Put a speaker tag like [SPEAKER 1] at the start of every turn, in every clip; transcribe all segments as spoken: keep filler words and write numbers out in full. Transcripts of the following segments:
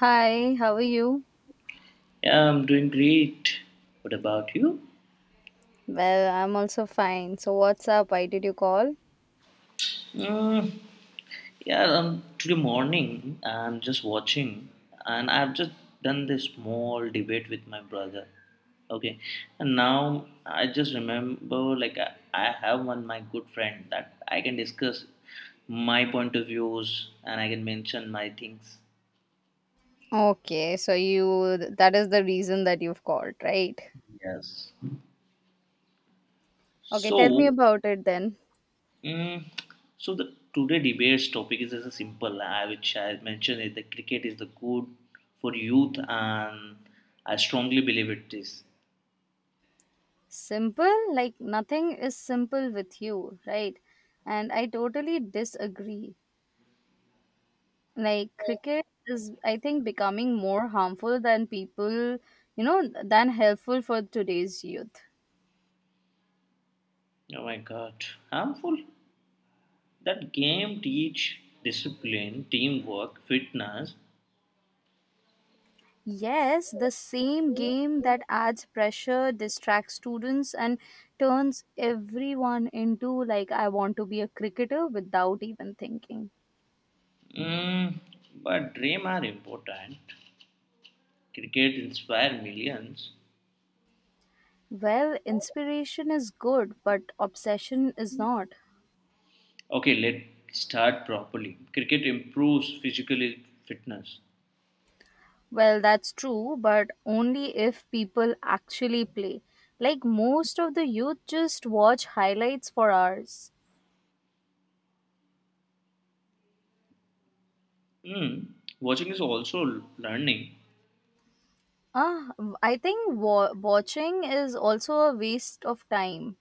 [SPEAKER 1] Hi, how are you?
[SPEAKER 2] Yeah, I'm doing great. What about you?
[SPEAKER 1] Well, I'm also fine. So, what's up? Why did you call?
[SPEAKER 2] Mm, yeah, um, today morning I'm just watching, and I've just done this small debate with my brother. Okay, and now I just remember, like I, I have one my good friend that I can discuss my point of views and I can mention my things.
[SPEAKER 1] Okay, so you that is the reason that you've called, right?
[SPEAKER 2] Yes.
[SPEAKER 1] Okay, tell me
[SPEAKER 2] So
[SPEAKER 1] about it then.
[SPEAKER 2] Mm, so the today debate's topic is, is simple, uh, which I mentioned is that cricket is the good for youth, and I strongly believe it is.
[SPEAKER 1] Simple? Like nothing is simple with you, right? And I totally disagree. Like cricket is I think becoming more harmful than people, you know, than helpful for today's youth.
[SPEAKER 2] Oh my God, harmful! That game teach discipline, teamwork, fitness.
[SPEAKER 1] Yes, the same game that adds pressure, distracts students, and turns everyone into like, I want to be a cricketer without even thinking.
[SPEAKER 2] Mm, but dream are important. Cricket inspire millions.
[SPEAKER 1] Well, inspiration is good, but obsession is not.
[SPEAKER 2] Okay, let's start properly. Cricket improves physical fitness.
[SPEAKER 1] Well, that's true, but only if people actually play. Like, most of the youth just watch highlights for hours.
[SPEAKER 2] Mm, Watching is also learning.
[SPEAKER 1] Ah, I think wa- watching is also a waste of time,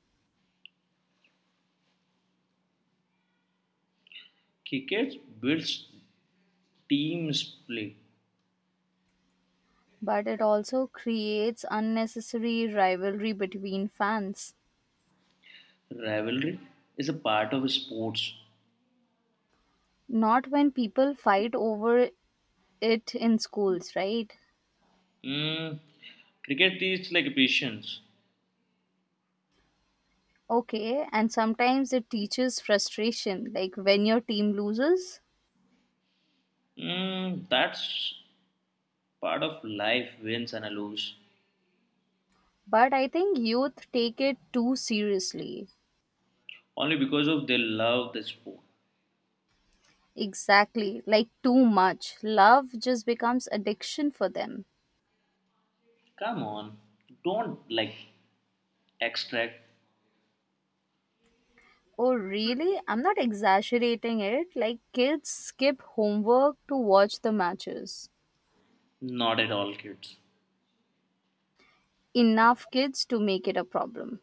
[SPEAKER 2] Cricket builds team play.
[SPEAKER 1] but it also creates unnecessary rivalry between fans.
[SPEAKER 2] Rivalry is a part of sports.
[SPEAKER 1] Not when people fight over it in schools, right?
[SPEAKER 2] Mm, Cricket teaches like patience.
[SPEAKER 1] Okay, and sometimes it teaches frustration, like when your team loses.
[SPEAKER 2] Mm, that's part of life, wins and a lose.
[SPEAKER 1] But I think youth take it too seriously.
[SPEAKER 2] Only because of they love the sport.
[SPEAKER 1] Exactly, like too much. Love just becomes addiction for them.
[SPEAKER 2] Come on, don't like extract.
[SPEAKER 1] Oh, really? I'm not exaggerating it. Like, kids skip homework to watch the matches.
[SPEAKER 2] Not at all, kids.
[SPEAKER 1] Enough kids to make it a problem.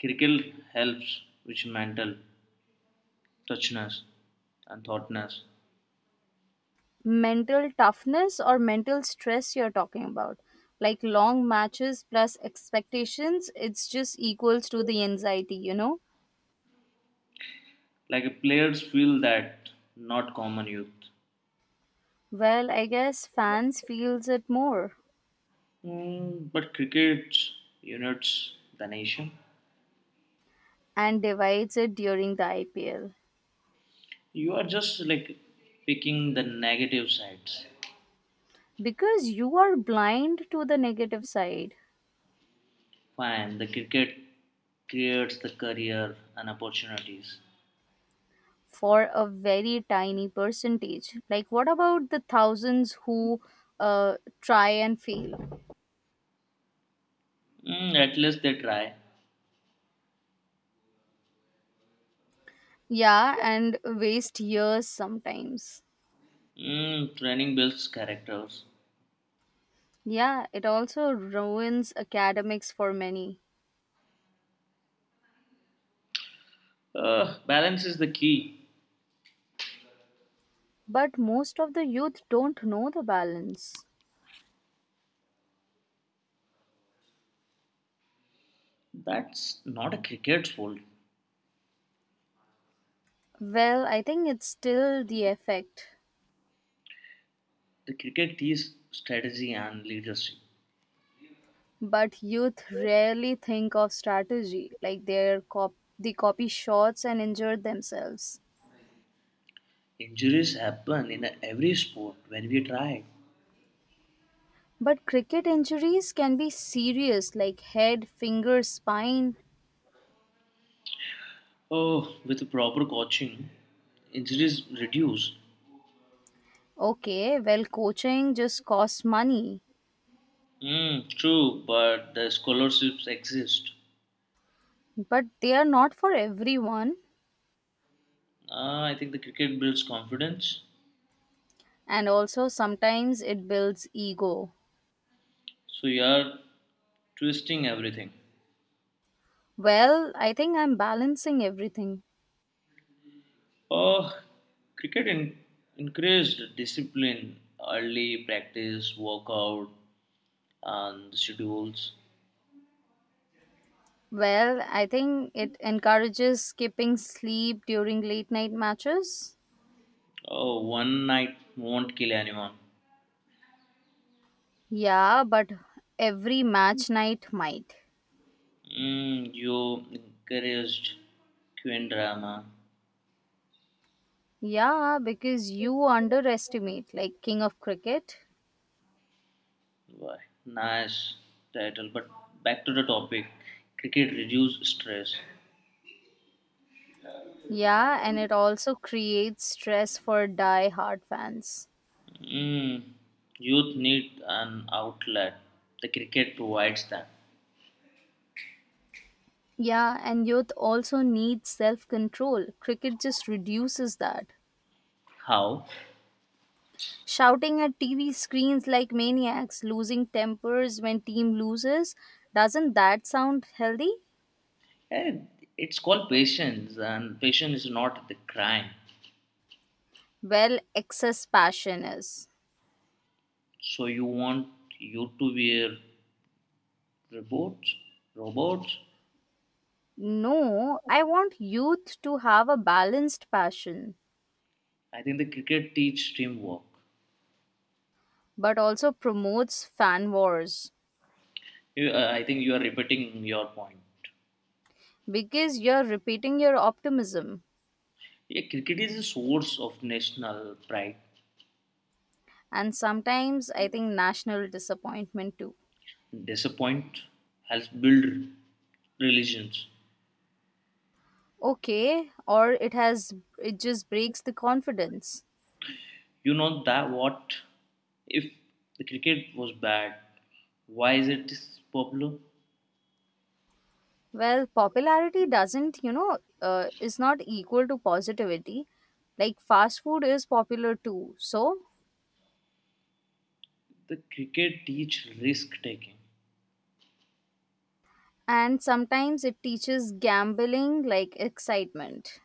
[SPEAKER 2] Cricket helps with mental touchness and thoughtness.
[SPEAKER 1] Mental toughness or mental stress you're talking about. Like long matches plus expectations, it's just equals to the anxiety, you know?
[SPEAKER 2] Like players feel that, not common youth.
[SPEAKER 1] Well, I guess fans feels it more,
[SPEAKER 2] Mm, but cricket unites the nation.
[SPEAKER 1] and divides it during the I P L
[SPEAKER 2] You are just like picking the negative sides.
[SPEAKER 1] because you are blind to the negative side
[SPEAKER 2] Fine, the cricket creates the career and opportunities.
[SPEAKER 1] for a very tiny percentage. Like what about the thousands who uh, try and fail?
[SPEAKER 2] Mm, at least they try.
[SPEAKER 1] Yeah, and waste years sometimes.
[SPEAKER 2] Mm, training builds characters.
[SPEAKER 1] Yeah, it also ruins academics for many.
[SPEAKER 2] Uh, balance is the key.
[SPEAKER 1] But most of the youth don't know the balance.
[SPEAKER 2] That's not a cricket's fault.
[SPEAKER 1] Well, I think it's still the effect.
[SPEAKER 2] The cricket is strategy and leadership.
[SPEAKER 1] But youth rarely think of strategy, like they're cop- they copy shots and injure themselves.
[SPEAKER 2] Injuries happen in every sport when we try.
[SPEAKER 1] But cricket injuries can be serious, like head, finger, spine.
[SPEAKER 2] Oh, with proper coaching, injuries reduce.
[SPEAKER 1] Okay, well, coaching just costs money,
[SPEAKER 2] Mm, true, but the scholarships exist.
[SPEAKER 1] but they are not for everyone.
[SPEAKER 2] Ah, I think the cricket builds confidence.
[SPEAKER 1] And also sometimes it builds ego.
[SPEAKER 2] So you are twisting everything.
[SPEAKER 1] Well, I think I'm balancing everything.
[SPEAKER 2] Oh, cricket in- increased discipline, early practice, workout, and schedules.
[SPEAKER 1] Well, I think it encourages skipping sleep during late night matches.
[SPEAKER 2] Oh, one night won't kill anyone.
[SPEAKER 1] Yeah, but every match night might.
[SPEAKER 2] Mm, you encouraged Queen drama.
[SPEAKER 1] Yeah, because you underestimate, like King of Cricket.
[SPEAKER 2] Why? Nice title. But back to the topic, cricket reduce stress.
[SPEAKER 1] Yeah, and it also creates stress for die hard fans.
[SPEAKER 2] Mm, Youth need an outlet. The cricket provides that.
[SPEAKER 1] Yeah, and youth also needs self control. Cricket just reduces that.
[SPEAKER 2] How?
[SPEAKER 1] Shouting at T V screens like maniacs, losing tempers when team loses, doesn't that sound healthy?
[SPEAKER 2] Eh, it's called patience, and patience is not the crime.
[SPEAKER 1] Well, excess passion is.
[SPEAKER 2] So you want you to wear robots? Robots?
[SPEAKER 1] No, I want youth to have a balanced passion,
[SPEAKER 2] I think the cricket teach teamwork.
[SPEAKER 1] but also promotes fan wars
[SPEAKER 2] You, uh, I think you are repeating your point.
[SPEAKER 1] because you're repeating your optimism
[SPEAKER 2] Yeah, cricket is a source of national pride.
[SPEAKER 1] and sometimes I think national disappointment too.
[SPEAKER 2] Disappoint has built religions.
[SPEAKER 1] Okay, or it has it just breaks the confidence.
[SPEAKER 2] You know that, what if the cricket was bad, why is it this popular?
[SPEAKER 1] Well, popularity doesn't, you know, uh, is not equal to positivity. Like fast food is popular too. So,
[SPEAKER 2] The cricket teach risk taking.
[SPEAKER 1] and sometimes it teaches gambling like excitement.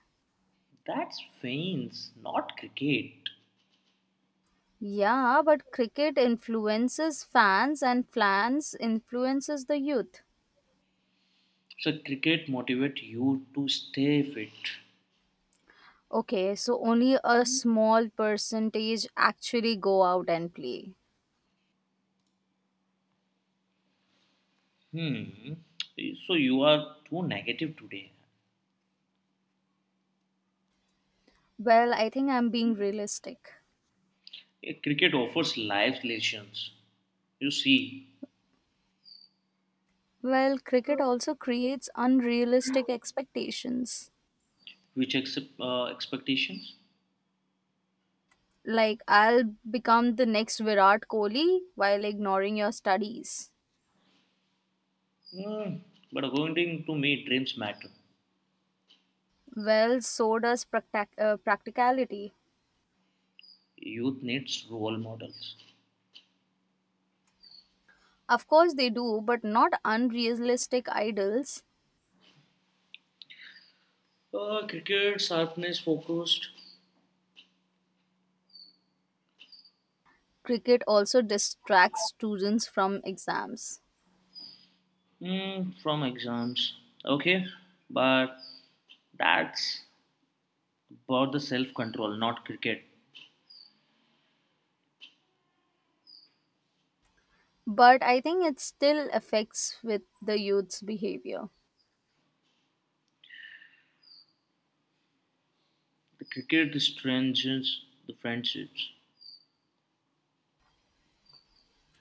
[SPEAKER 2] That's fans, not cricket.
[SPEAKER 1] Yeah, but cricket influences fans and fans influences the youth.
[SPEAKER 2] So cricket motivate you to stay fit.
[SPEAKER 1] Okay, so only a small percentage actually go out and play.
[SPEAKER 2] Hmm. So you are too negative today.
[SPEAKER 1] Well, I think I'm being realistic.
[SPEAKER 2] Eh, Cricket offers life lessons. You see,
[SPEAKER 1] Well, cricket also creates unrealistic expectations.
[SPEAKER 2] which accept uh, expectations.
[SPEAKER 1] Like I'll become the next Virat Kohli while ignoring your studies.
[SPEAKER 2] Mm, but according to me, dreams matter.
[SPEAKER 1] Well, so does practac uh, practicality.
[SPEAKER 2] Youth needs role models.
[SPEAKER 1] Of course, they do, but not unrealistic idols.
[SPEAKER 2] Uh, cricket sharpness focused
[SPEAKER 1] Cricket also distracts students from exams.
[SPEAKER 2] mm, from exams. Okay, but that's about the self control, not cricket.
[SPEAKER 1] But I think it still affects with the youth's behavior.
[SPEAKER 2] The cricket strengthens the friendships.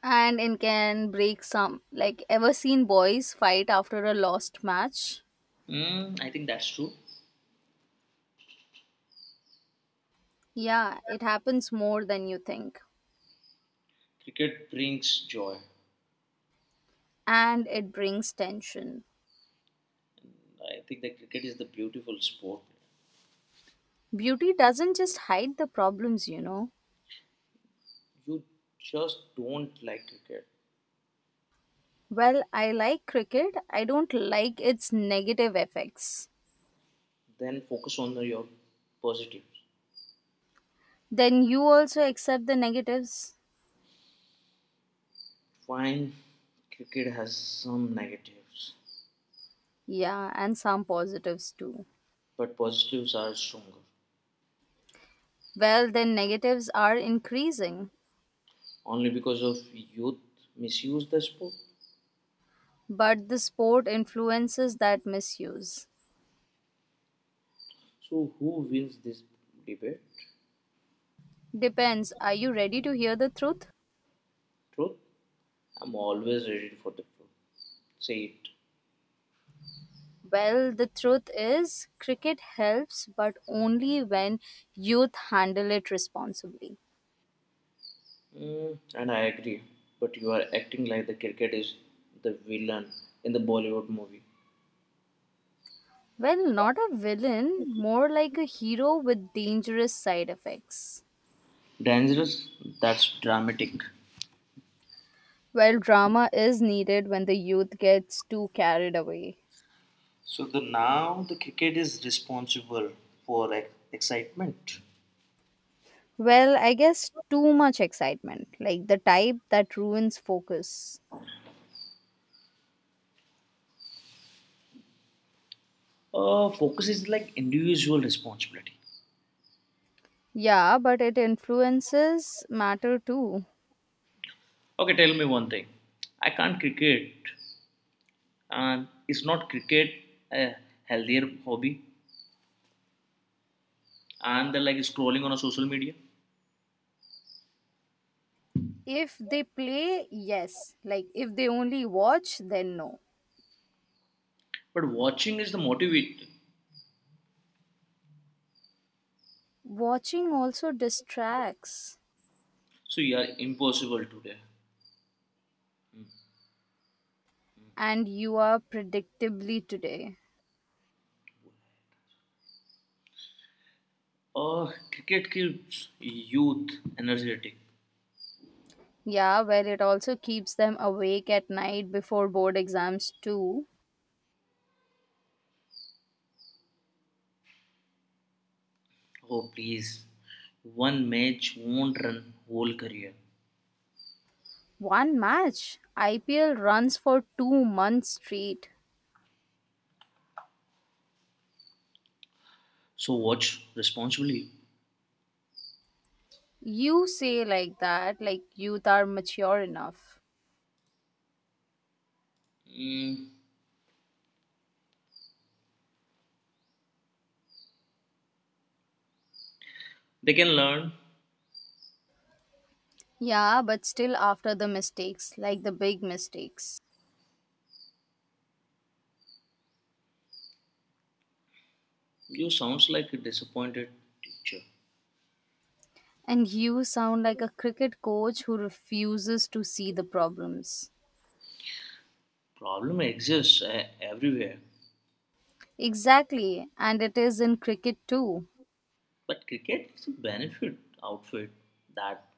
[SPEAKER 1] And it can break some. Like, ever seen boys fight after a lost match?
[SPEAKER 2] Mm, I think that's true.
[SPEAKER 1] Yeah, it happens more than you think.
[SPEAKER 2] Cricket brings joy.
[SPEAKER 1] And it brings tension.
[SPEAKER 2] I think that cricket is the beautiful sport.
[SPEAKER 1] Beauty doesn't just hide the problems, you know.
[SPEAKER 2] You just don't like cricket,
[SPEAKER 1] Well, I like cricket, I don't like its negative effects.
[SPEAKER 2] then focus on your positives.
[SPEAKER 1] Then you also accept the negatives?
[SPEAKER 2] Fine, cricket has some negatives,
[SPEAKER 1] Yeah, and some positives too.
[SPEAKER 2] but positives are stronger.
[SPEAKER 1] Well, then negatives are increasing,
[SPEAKER 2] Only because of youth misuse the sport.
[SPEAKER 1] but the sport influences that misuse.
[SPEAKER 2] So who wins this debate?
[SPEAKER 1] Depends, are you ready to hear the truth?
[SPEAKER 2] Truth? I'm always ready for the truth. Say it.
[SPEAKER 1] Well, the truth is, cricket helps, but only when youth handle it responsibly.
[SPEAKER 2] Mm, and I agree. But you are acting like the cricket is the villain in the Bollywood movie.
[SPEAKER 1] Well, not a villain, more like a hero with dangerous side effects.
[SPEAKER 2] Dangerous? That's dramatic.
[SPEAKER 1] Well, drama is needed when the youth gets too carried away.
[SPEAKER 2] So the now the cricket is responsible for ex- excitement.
[SPEAKER 1] Well, I guess too much excitement, like the type that ruins focus.
[SPEAKER 2] Uh, focus is like individual responsibility.
[SPEAKER 1] Yeah, but it influences matter too.
[SPEAKER 2] Okay, tell me one thing. I can't cricket, and is not cricket a healthier hobby? And they're like scrolling on a social media,
[SPEAKER 1] If they play, yes. Like if they only watch, then no.
[SPEAKER 2] but watching is the motivated.
[SPEAKER 1] Watching also distracts,
[SPEAKER 2] So yeah, impossible today.
[SPEAKER 1] and you are predictably today.
[SPEAKER 2] Uh, cricket keeps youth energetic.
[SPEAKER 1] Yeah, well, it also keeps them awake at night before board exams, too.
[SPEAKER 2] Oh please, one match won't run whole career.
[SPEAKER 1] One match, I P L runs for two months straight.
[SPEAKER 2] So watch responsibly.
[SPEAKER 1] You say like that, like youth are mature enough.
[SPEAKER 2] Mm, they can learn.
[SPEAKER 1] Yeah, but still after the mistakes, like the big mistakes.
[SPEAKER 2] You sounds like a disappointed teacher.
[SPEAKER 1] And you sound like a cricket coach who refuses to see the problems.
[SPEAKER 2] Problem exists uh, everywhere,
[SPEAKER 1] Exactly, and it is in cricket too.
[SPEAKER 2] but cricket is a benefit outfit that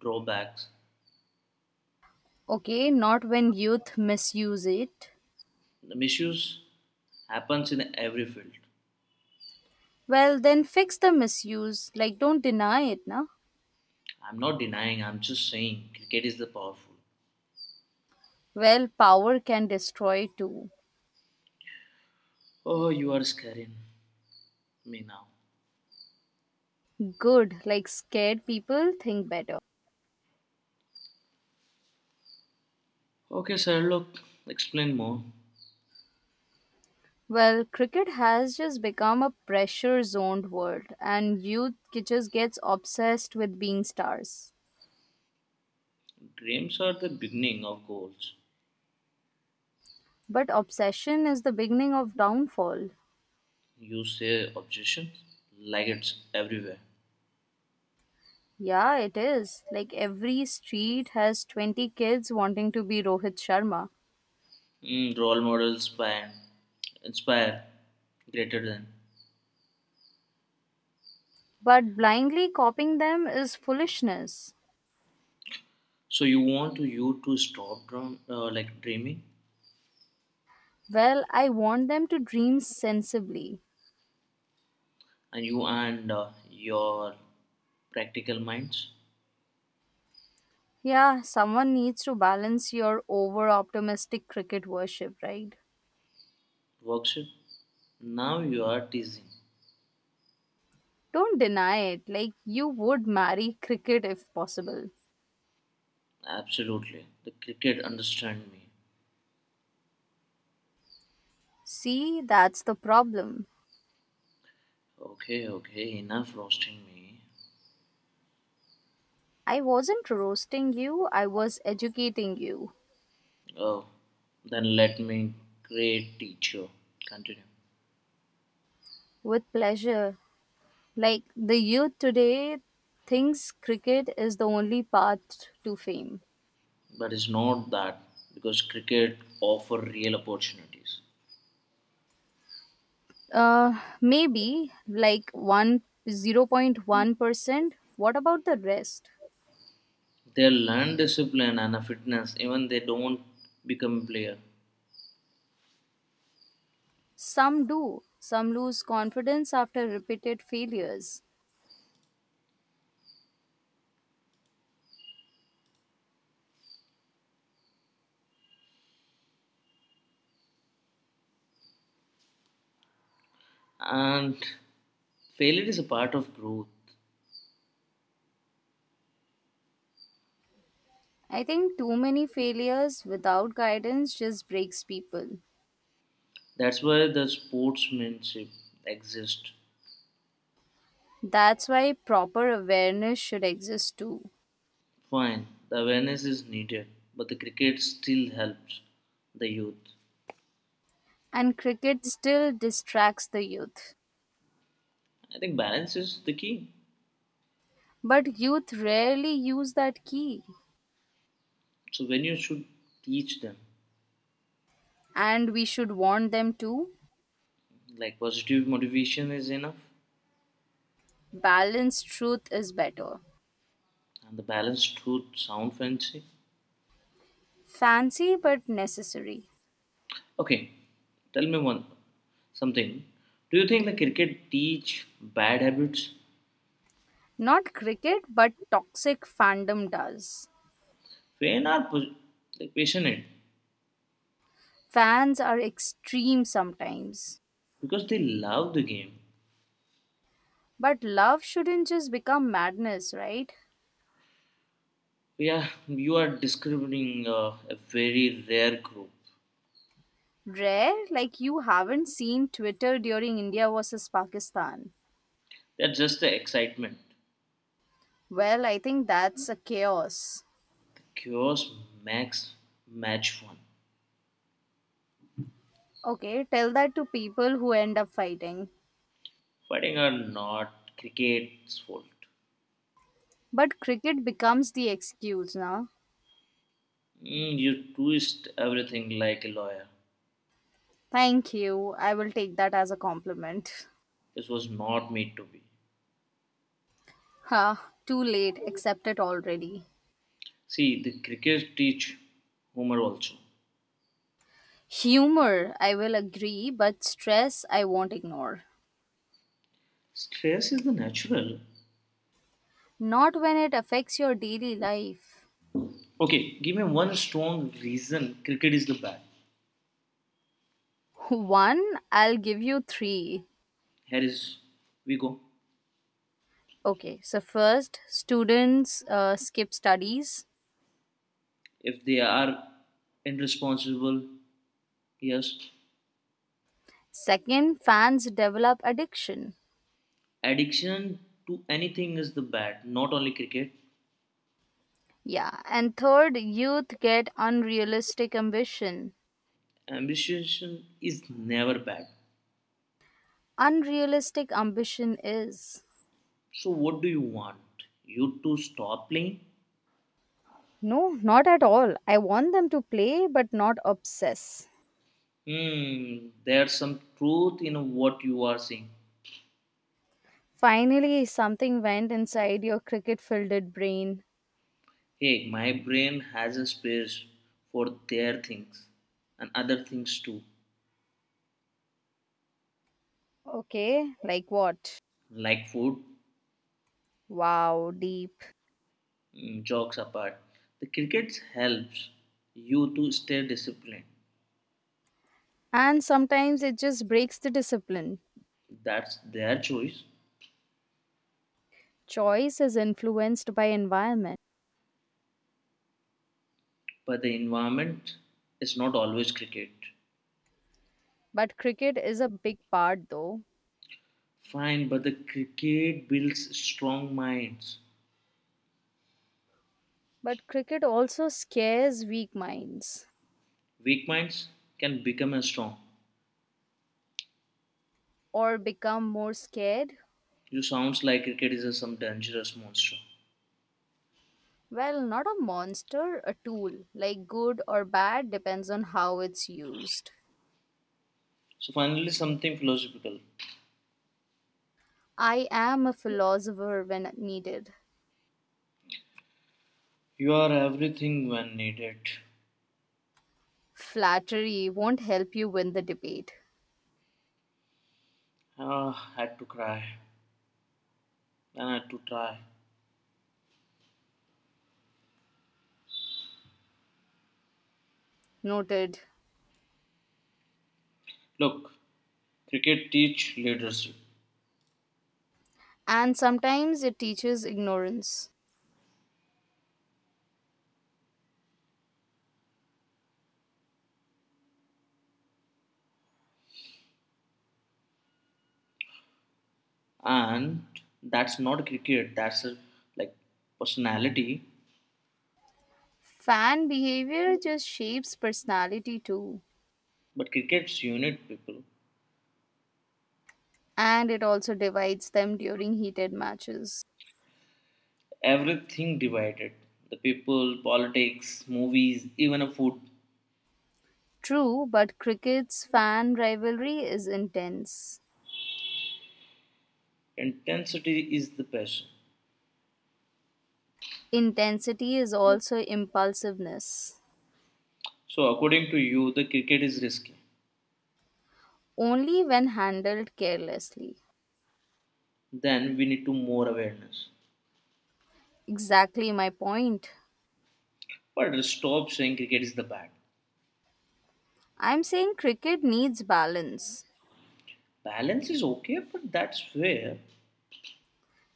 [SPEAKER 2] drawbacks.
[SPEAKER 1] Okay, not when youth misuse it.
[SPEAKER 2] The misuse happens in every field.
[SPEAKER 1] Well, then fix the misuse. Like, don't deny it, na?
[SPEAKER 2] I'm not denying, I'm just saying cricket is the powerful.
[SPEAKER 1] Well, power can destroy too.
[SPEAKER 2] Oh, you are scaring me now.
[SPEAKER 1] Good. Like, scared people think better.
[SPEAKER 2] Okay, sir, look, explain more.
[SPEAKER 1] Well, cricket has just become a pressure zoned world, and youth ki- just gets obsessed with being stars.
[SPEAKER 2] Dreams are the beginning of goals.
[SPEAKER 1] But obsession is the beginning of downfall.
[SPEAKER 2] You say objection like it's everywhere.
[SPEAKER 1] Yeah, it is. Like, every street has twenty kids wanting to be Rohit Sharma.
[SPEAKER 2] Mm, role models inspire, inspire greater than.
[SPEAKER 1] But blindly copying them is foolishness.
[SPEAKER 2] So you want to you to stop drum, uh, like dreaming,
[SPEAKER 1] Well, I want them to dream sensibly.
[SPEAKER 2] and you and uh, your practical minds
[SPEAKER 1] Yeah, someone needs to balance your over optimistic cricket worship, right?
[SPEAKER 2] works it. Now you are teasing.
[SPEAKER 1] Don't deny it. Like, you would marry cricket if possible.
[SPEAKER 2] Absolutely, the cricket understand me.
[SPEAKER 1] See, that's the problem.
[SPEAKER 2] Okay, okay, enough roasting me.
[SPEAKER 1] I wasn't roasting you, I was educating you
[SPEAKER 2] Oh, then let me great teacher continue.
[SPEAKER 1] with pleasure. Like, the youth today thinks cricket is the only path to fame.
[SPEAKER 2] But it's not that because cricket offer real opportunities.
[SPEAKER 1] Uh, maybe like one zero point one percent. What about the rest?
[SPEAKER 2] They learn discipline and a fitness even they don't become player.
[SPEAKER 1] Some do. Some lose confidence after repeated failures.
[SPEAKER 2] And failure is a part of growth.
[SPEAKER 1] I think too many failures without guidance just breaks people.
[SPEAKER 2] That's why the sportsmanship exists.
[SPEAKER 1] That's why proper awareness should exist too.
[SPEAKER 2] Fine, the awareness is needed, but the cricket still helps the youth.
[SPEAKER 1] And cricket still distracts the youth.
[SPEAKER 2] I think balance is the key.
[SPEAKER 1] But youth rarely use that key.
[SPEAKER 2] So when you should teach them,
[SPEAKER 1] And we should warn them too.
[SPEAKER 2] like positive motivation is enough,
[SPEAKER 1] Balanced truth is better.
[SPEAKER 2] and the balance should sound fancy.
[SPEAKER 1] Fancy but necessary.
[SPEAKER 2] Okay, tell me one something. Do you think the cricket teach bad habits?
[SPEAKER 1] Not cricket, but toxic fandom does.
[SPEAKER 2] When are pos- like passionate?
[SPEAKER 1] Fans are extreme sometimes.
[SPEAKER 2] Because they love the game.
[SPEAKER 1] But love shouldn't just become madness, right?
[SPEAKER 2] Yeah, you are describing uh, a very rare group.
[SPEAKER 1] Rare, like you haven't seen Twitter during India versus Pakistan.
[SPEAKER 2] That's just the excitement.
[SPEAKER 1] Well, I think that's a chaos.
[SPEAKER 2] The chaos makes match fun.
[SPEAKER 1] Okay, tell that to people who end up fighting.
[SPEAKER 2] Fighting or not, cricket's fault.
[SPEAKER 1] But cricket becomes the excuse, now.
[SPEAKER 2] Mm, you twist everything like a lawyer.
[SPEAKER 1] Thank you. I will take that as a compliment.
[SPEAKER 2] This was not made to be.
[SPEAKER 1] Ha, too late. Accept it already.
[SPEAKER 2] See, the cricket teach humor also.
[SPEAKER 1] Humor, I will agree, but stress, I won't ignore.
[SPEAKER 2] Stress is the natural.
[SPEAKER 1] Not when it affects your daily life.
[SPEAKER 2] Okay, give me one strong reason cricket is the bad.
[SPEAKER 1] One, I'll give you three.
[SPEAKER 2] Here is we go.
[SPEAKER 1] Okay, so first, students uh, skip studies.
[SPEAKER 2] If they are irresponsible, yes.
[SPEAKER 1] Second, fans develop addiction.
[SPEAKER 2] Addiction to anything is the bad, not only cricket.
[SPEAKER 1] Yeah, and third, youth get unrealistic ambition.
[SPEAKER 2] Ambition is never bad.
[SPEAKER 1] Unrealistic ambition is.
[SPEAKER 2] So what do you want you to stop playing?
[SPEAKER 1] No, not at all. I want them to play, but not obsess.
[SPEAKER 2] Hmm, there's some truth in what you are saying.
[SPEAKER 1] Finally, something went inside your cricket filled brain.
[SPEAKER 2] Hey, my brain has a space for their things and other things too.
[SPEAKER 1] Okay, like what?
[SPEAKER 2] Like food.
[SPEAKER 1] Wow, deep.
[SPEAKER 2] Mm, jokes apart, the cricket helps you to stay disciplined.
[SPEAKER 1] And sometimes it just breaks the discipline.
[SPEAKER 2] That's their choice.
[SPEAKER 1] Choice is influenced by environment.
[SPEAKER 2] But the environment is not always cricket.
[SPEAKER 1] But cricket is a big part though.
[SPEAKER 2] Fine, but the cricket builds strong minds.
[SPEAKER 1] But cricket also scares weak minds.
[SPEAKER 2] Weak minds can become as strong.
[SPEAKER 1] Or become more scared?
[SPEAKER 2] You sounds like cricket is a some dangerous monster.
[SPEAKER 1] Well, not a monster, a tool. Like good or bad depends on how it's used.
[SPEAKER 2] So finally, something philosophical.
[SPEAKER 1] I am a philosopher when needed.
[SPEAKER 2] You are everything when needed.
[SPEAKER 1] Flattery won't help you win the debate.
[SPEAKER 2] Ah, had to cry and had to try.
[SPEAKER 1] Noted.
[SPEAKER 2] Look, cricket teach leadership,
[SPEAKER 1] And sometimes it teaches ignorance.
[SPEAKER 2] and that's not cricket. That's a, like, personality.
[SPEAKER 1] Fan behavior just shapes personality too,
[SPEAKER 2] But cricket's unit people.
[SPEAKER 1] and it also divides them during heated matches.
[SPEAKER 2] Everything divided. The people, politics, movies, even a food.
[SPEAKER 1] True, but cricket's fan rivalry is intense.
[SPEAKER 2] Intensity is the passion.
[SPEAKER 1] Intensity is also impulsiveness,
[SPEAKER 2] So according to you, the cricket is risky.
[SPEAKER 1] only when handled carelessly.
[SPEAKER 2] Then we need to more awareness.
[SPEAKER 1] Exactly my point.
[SPEAKER 2] But stop saying cricket is the bad.
[SPEAKER 1] I'm saying cricket needs balance.
[SPEAKER 2] Balance is okay, but that's fair.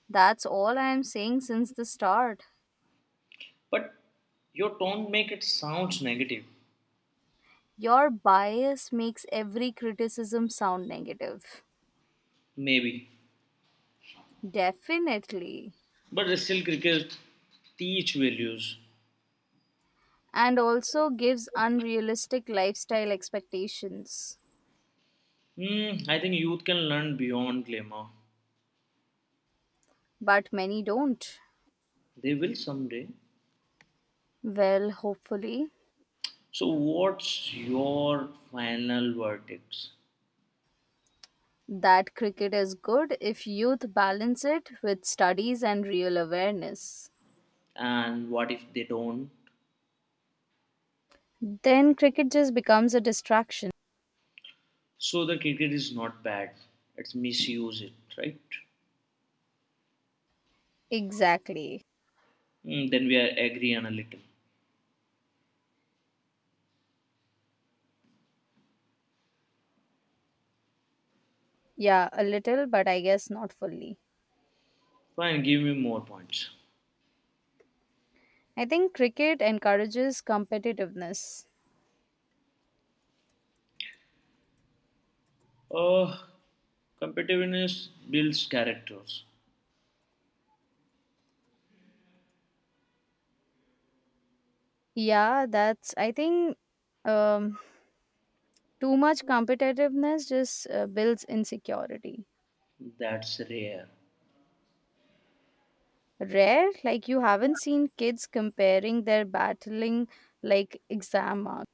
[SPEAKER 1] That's all I am saying since the start.
[SPEAKER 2] But your tone make it sounds negative.
[SPEAKER 1] Your bias makes every criticism sound negative.
[SPEAKER 2] Maybe.
[SPEAKER 1] Definitely.
[SPEAKER 2] But still cricket teach values.
[SPEAKER 1] And also gives unrealistic lifestyle expectations.
[SPEAKER 2] Hmm, I think youth can learn beyond glamour.
[SPEAKER 1] But many don't.
[SPEAKER 2] They will someday.
[SPEAKER 1] Well, hopefully,
[SPEAKER 2] So, what's your final verdict?
[SPEAKER 1] that cricket is good if youth balance it with studies and real awareness.
[SPEAKER 2] And what if they don't?
[SPEAKER 1] Then cricket just becomes a distraction.
[SPEAKER 2] So, the cricket is not bad. Let's misuse it, right?
[SPEAKER 1] Exactly.
[SPEAKER 2] Hmm, then we are agree on a little.
[SPEAKER 1] Yeah, a little, but I guess not fully.
[SPEAKER 2] Fine, give me more points.
[SPEAKER 1] I think cricket encourages competitiveness.
[SPEAKER 2] Oh, competitiveness builds characters.
[SPEAKER 1] Yeah, that's, I think um, too much competitiveness just uh, builds insecurity.
[SPEAKER 2] That's rare.
[SPEAKER 1] Rare, like you haven't seen kids comparing their battling like exam marks.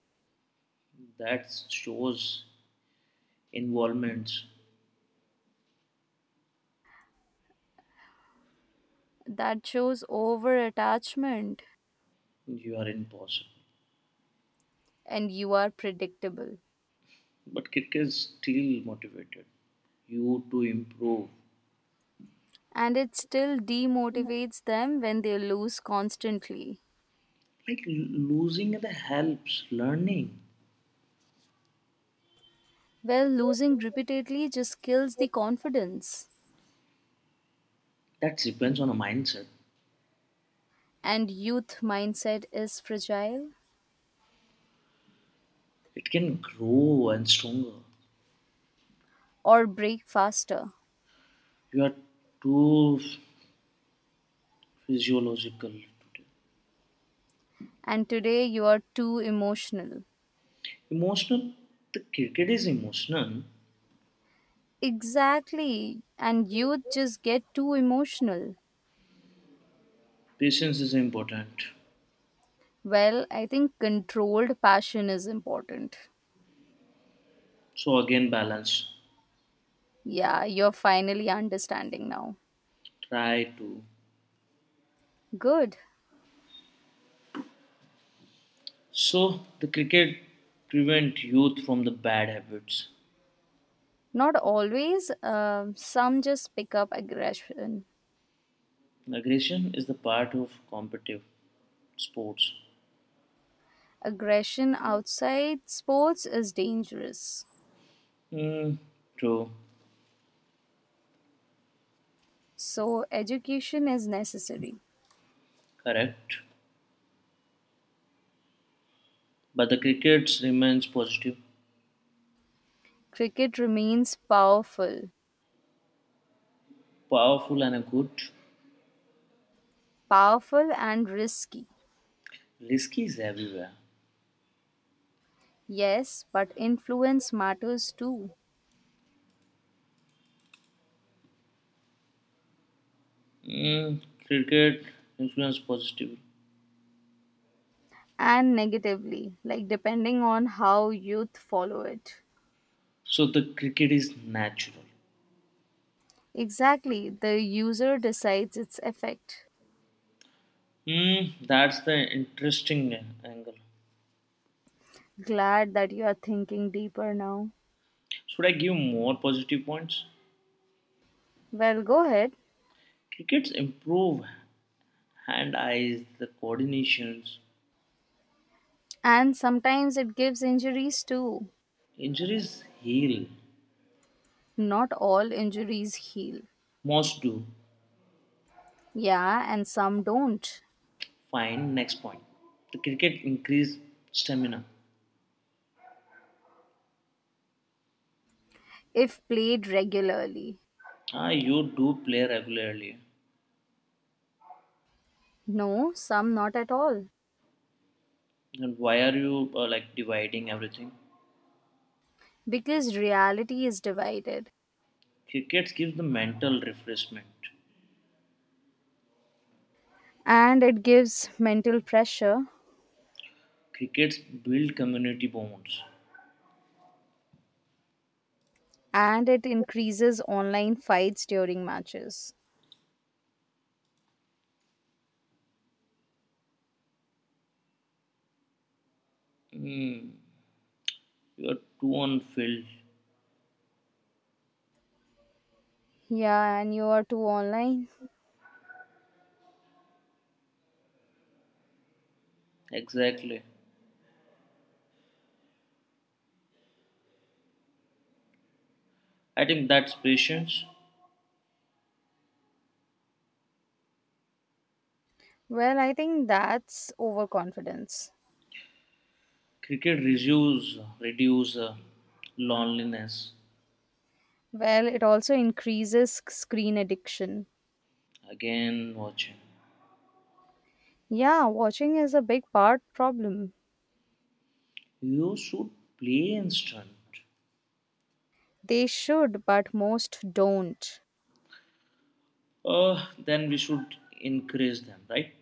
[SPEAKER 2] That shows involvements.
[SPEAKER 1] That shows over attachment
[SPEAKER 2] You are impossible.
[SPEAKER 1] and you are predictable.
[SPEAKER 2] But cricket is still motivated you to improve.
[SPEAKER 1] And it still demotivates them when they lose constantly.
[SPEAKER 2] Like losing the helps learning.
[SPEAKER 1] Well, losing repeatedly just kills the confidence.
[SPEAKER 2] That depends on a mindset.
[SPEAKER 1] And youth mindset is fragile
[SPEAKER 2] It can grow and stronger.
[SPEAKER 1] or break faster,
[SPEAKER 2] You are too physiological today.
[SPEAKER 1] and today you are too emotional.
[SPEAKER 2] Emotional, the cricket is emotional.
[SPEAKER 1] Exactly, and youth just get too emotional.
[SPEAKER 2] Patience is important.
[SPEAKER 1] Well, I think controlled passion is important.
[SPEAKER 2] So again, balance.
[SPEAKER 1] Yeah, you're finally understanding now.
[SPEAKER 2] Try to.
[SPEAKER 1] Good.
[SPEAKER 2] So the cricket prevent youth from the bad habits.
[SPEAKER 1] Not always, um, some just pick up aggression.
[SPEAKER 2] Aggression is the part of competitive sports.
[SPEAKER 1] Aggression outside sports is dangerous,
[SPEAKER 2] Hmm, true,
[SPEAKER 1] so education is necessary.
[SPEAKER 2] correct. But the cricket remains positive,
[SPEAKER 1] Cricket remains powerful.
[SPEAKER 2] powerful, and a good.
[SPEAKER 1] Powerful and risky,
[SPEAKER 2] Risky is everywhere.
[SPEAKER 1] yes, but influence matters too.
[SPEAKER 2] Mm, Cricket influence positively.
[SPEAKER 1] And negatively, like depending on how youth follow it.
[SPEAKER 2] So the cricket is natural.
[SPEAKER 1] Exactly, the user decides its effect.
[SPEAKER 2] Mm, that's the interesting angle.
[SPEAKER 1] Glad that you are thinking deeper now.
[SPEAKER 2] Should I give more positive points?
[SPEAKER 1] Well, go ahead.
[SPEAKER 2] Crickets improve hand eyes, the coordinations,
[SPEAKER 1] And sometimes it gives injuries too.
[SPEAKER 2] injuries heal.
[SPEAKER 1] Not all injuries heal.
[SPEAKER 2] Most do.
[SPEAKER 1] Yeah, and some don't.
[SPEAKER 2] Fine, next point. The cricket increase stamina.
[SPEAKER 1] If played regularly.
[SPEAKER 2] Ah, you do play regularly.
[SPEAKER 1] No, some not at all.
[SPEAKER 2] Then why are you uh, like dividing everything?
[SPEAKER 1] Because reality is divided.
[SPEAKER 2] Cricket gives the mental refreshment.
[SPEAKER 1] And it gives mental pressure
[SPEAKER 2] Crickets build community bonds.
[SPEAKER 1] and it increases online fights during matches.
[SPEAKER 2] Hmm, you're too on Phil.
[SPEAKER 1] Yeah, and you are too online.
[SPEAKER 2] Exactly. I think that's patience.
[SPEAKER 1] Well, I think that's overconfidence.
[SPEAKER 2] Cricket reduce reduce uh, loneliness.
[SPEAKER 1] Well, it also increases sc- screen addiction.
[SPEAKER 2] Again, watching.
[SPEAKER 1] Yeah, watching is a big part problem.
[SPEAKER 2] You should play instant.
[SPEAKER 1] They should, but most don't.
[SPEAKER 2] Uh, then we should increase them, right?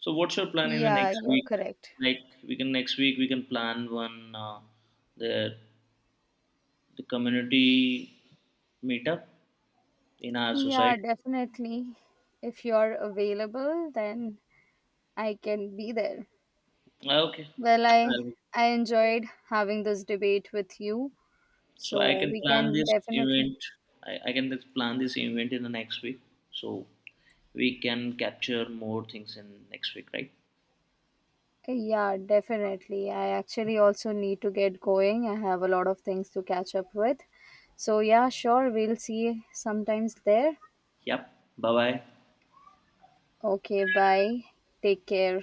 [SPEAKER 2] So, what's your plan in the
[SPEAKER 1] Yeah,
[SPEAKER 2] next
[SPEAKER 1] you're
[SPEAKER 2] week?
[SPEAKER 1] correct.
[SPEAKER 2] Like, we can next week we can plan one uh, the the community meetup in our
[SPEAKER 1] Yeah,
[SPEAKER 2] society.
[SPEAKER 1] definitely. If you're available, then I can be there.
[SPEAKER 2] Okay.
[SPEAKER 1] Well, I
[SPEAKER 2] Um,
[SPEAKER 1] I enjoyed having this debate with you.
[SPEAKER 2] so I
[SPEAKER 1] So
[SPEAKER 2] can
[SPEAKER 1] we
[SPEAKER 2] plan
[SPEAKER 1] can
[SPEAKER 2] this
[SPEAKER 1] definitely,
[SPEAKER 2] event. I, I can just plan this event in the next week. So we can capture more things in next week, right?
[SPEAKER 1] okay, yeah, definitely. I actually also need to get going. I have a lot of things to catch up with. So yeah, sure, we'll see sometimes there.
[SPEAKER 2] Yep. Bye bye.
[SPEAKER 1] Okay, bye. Take care.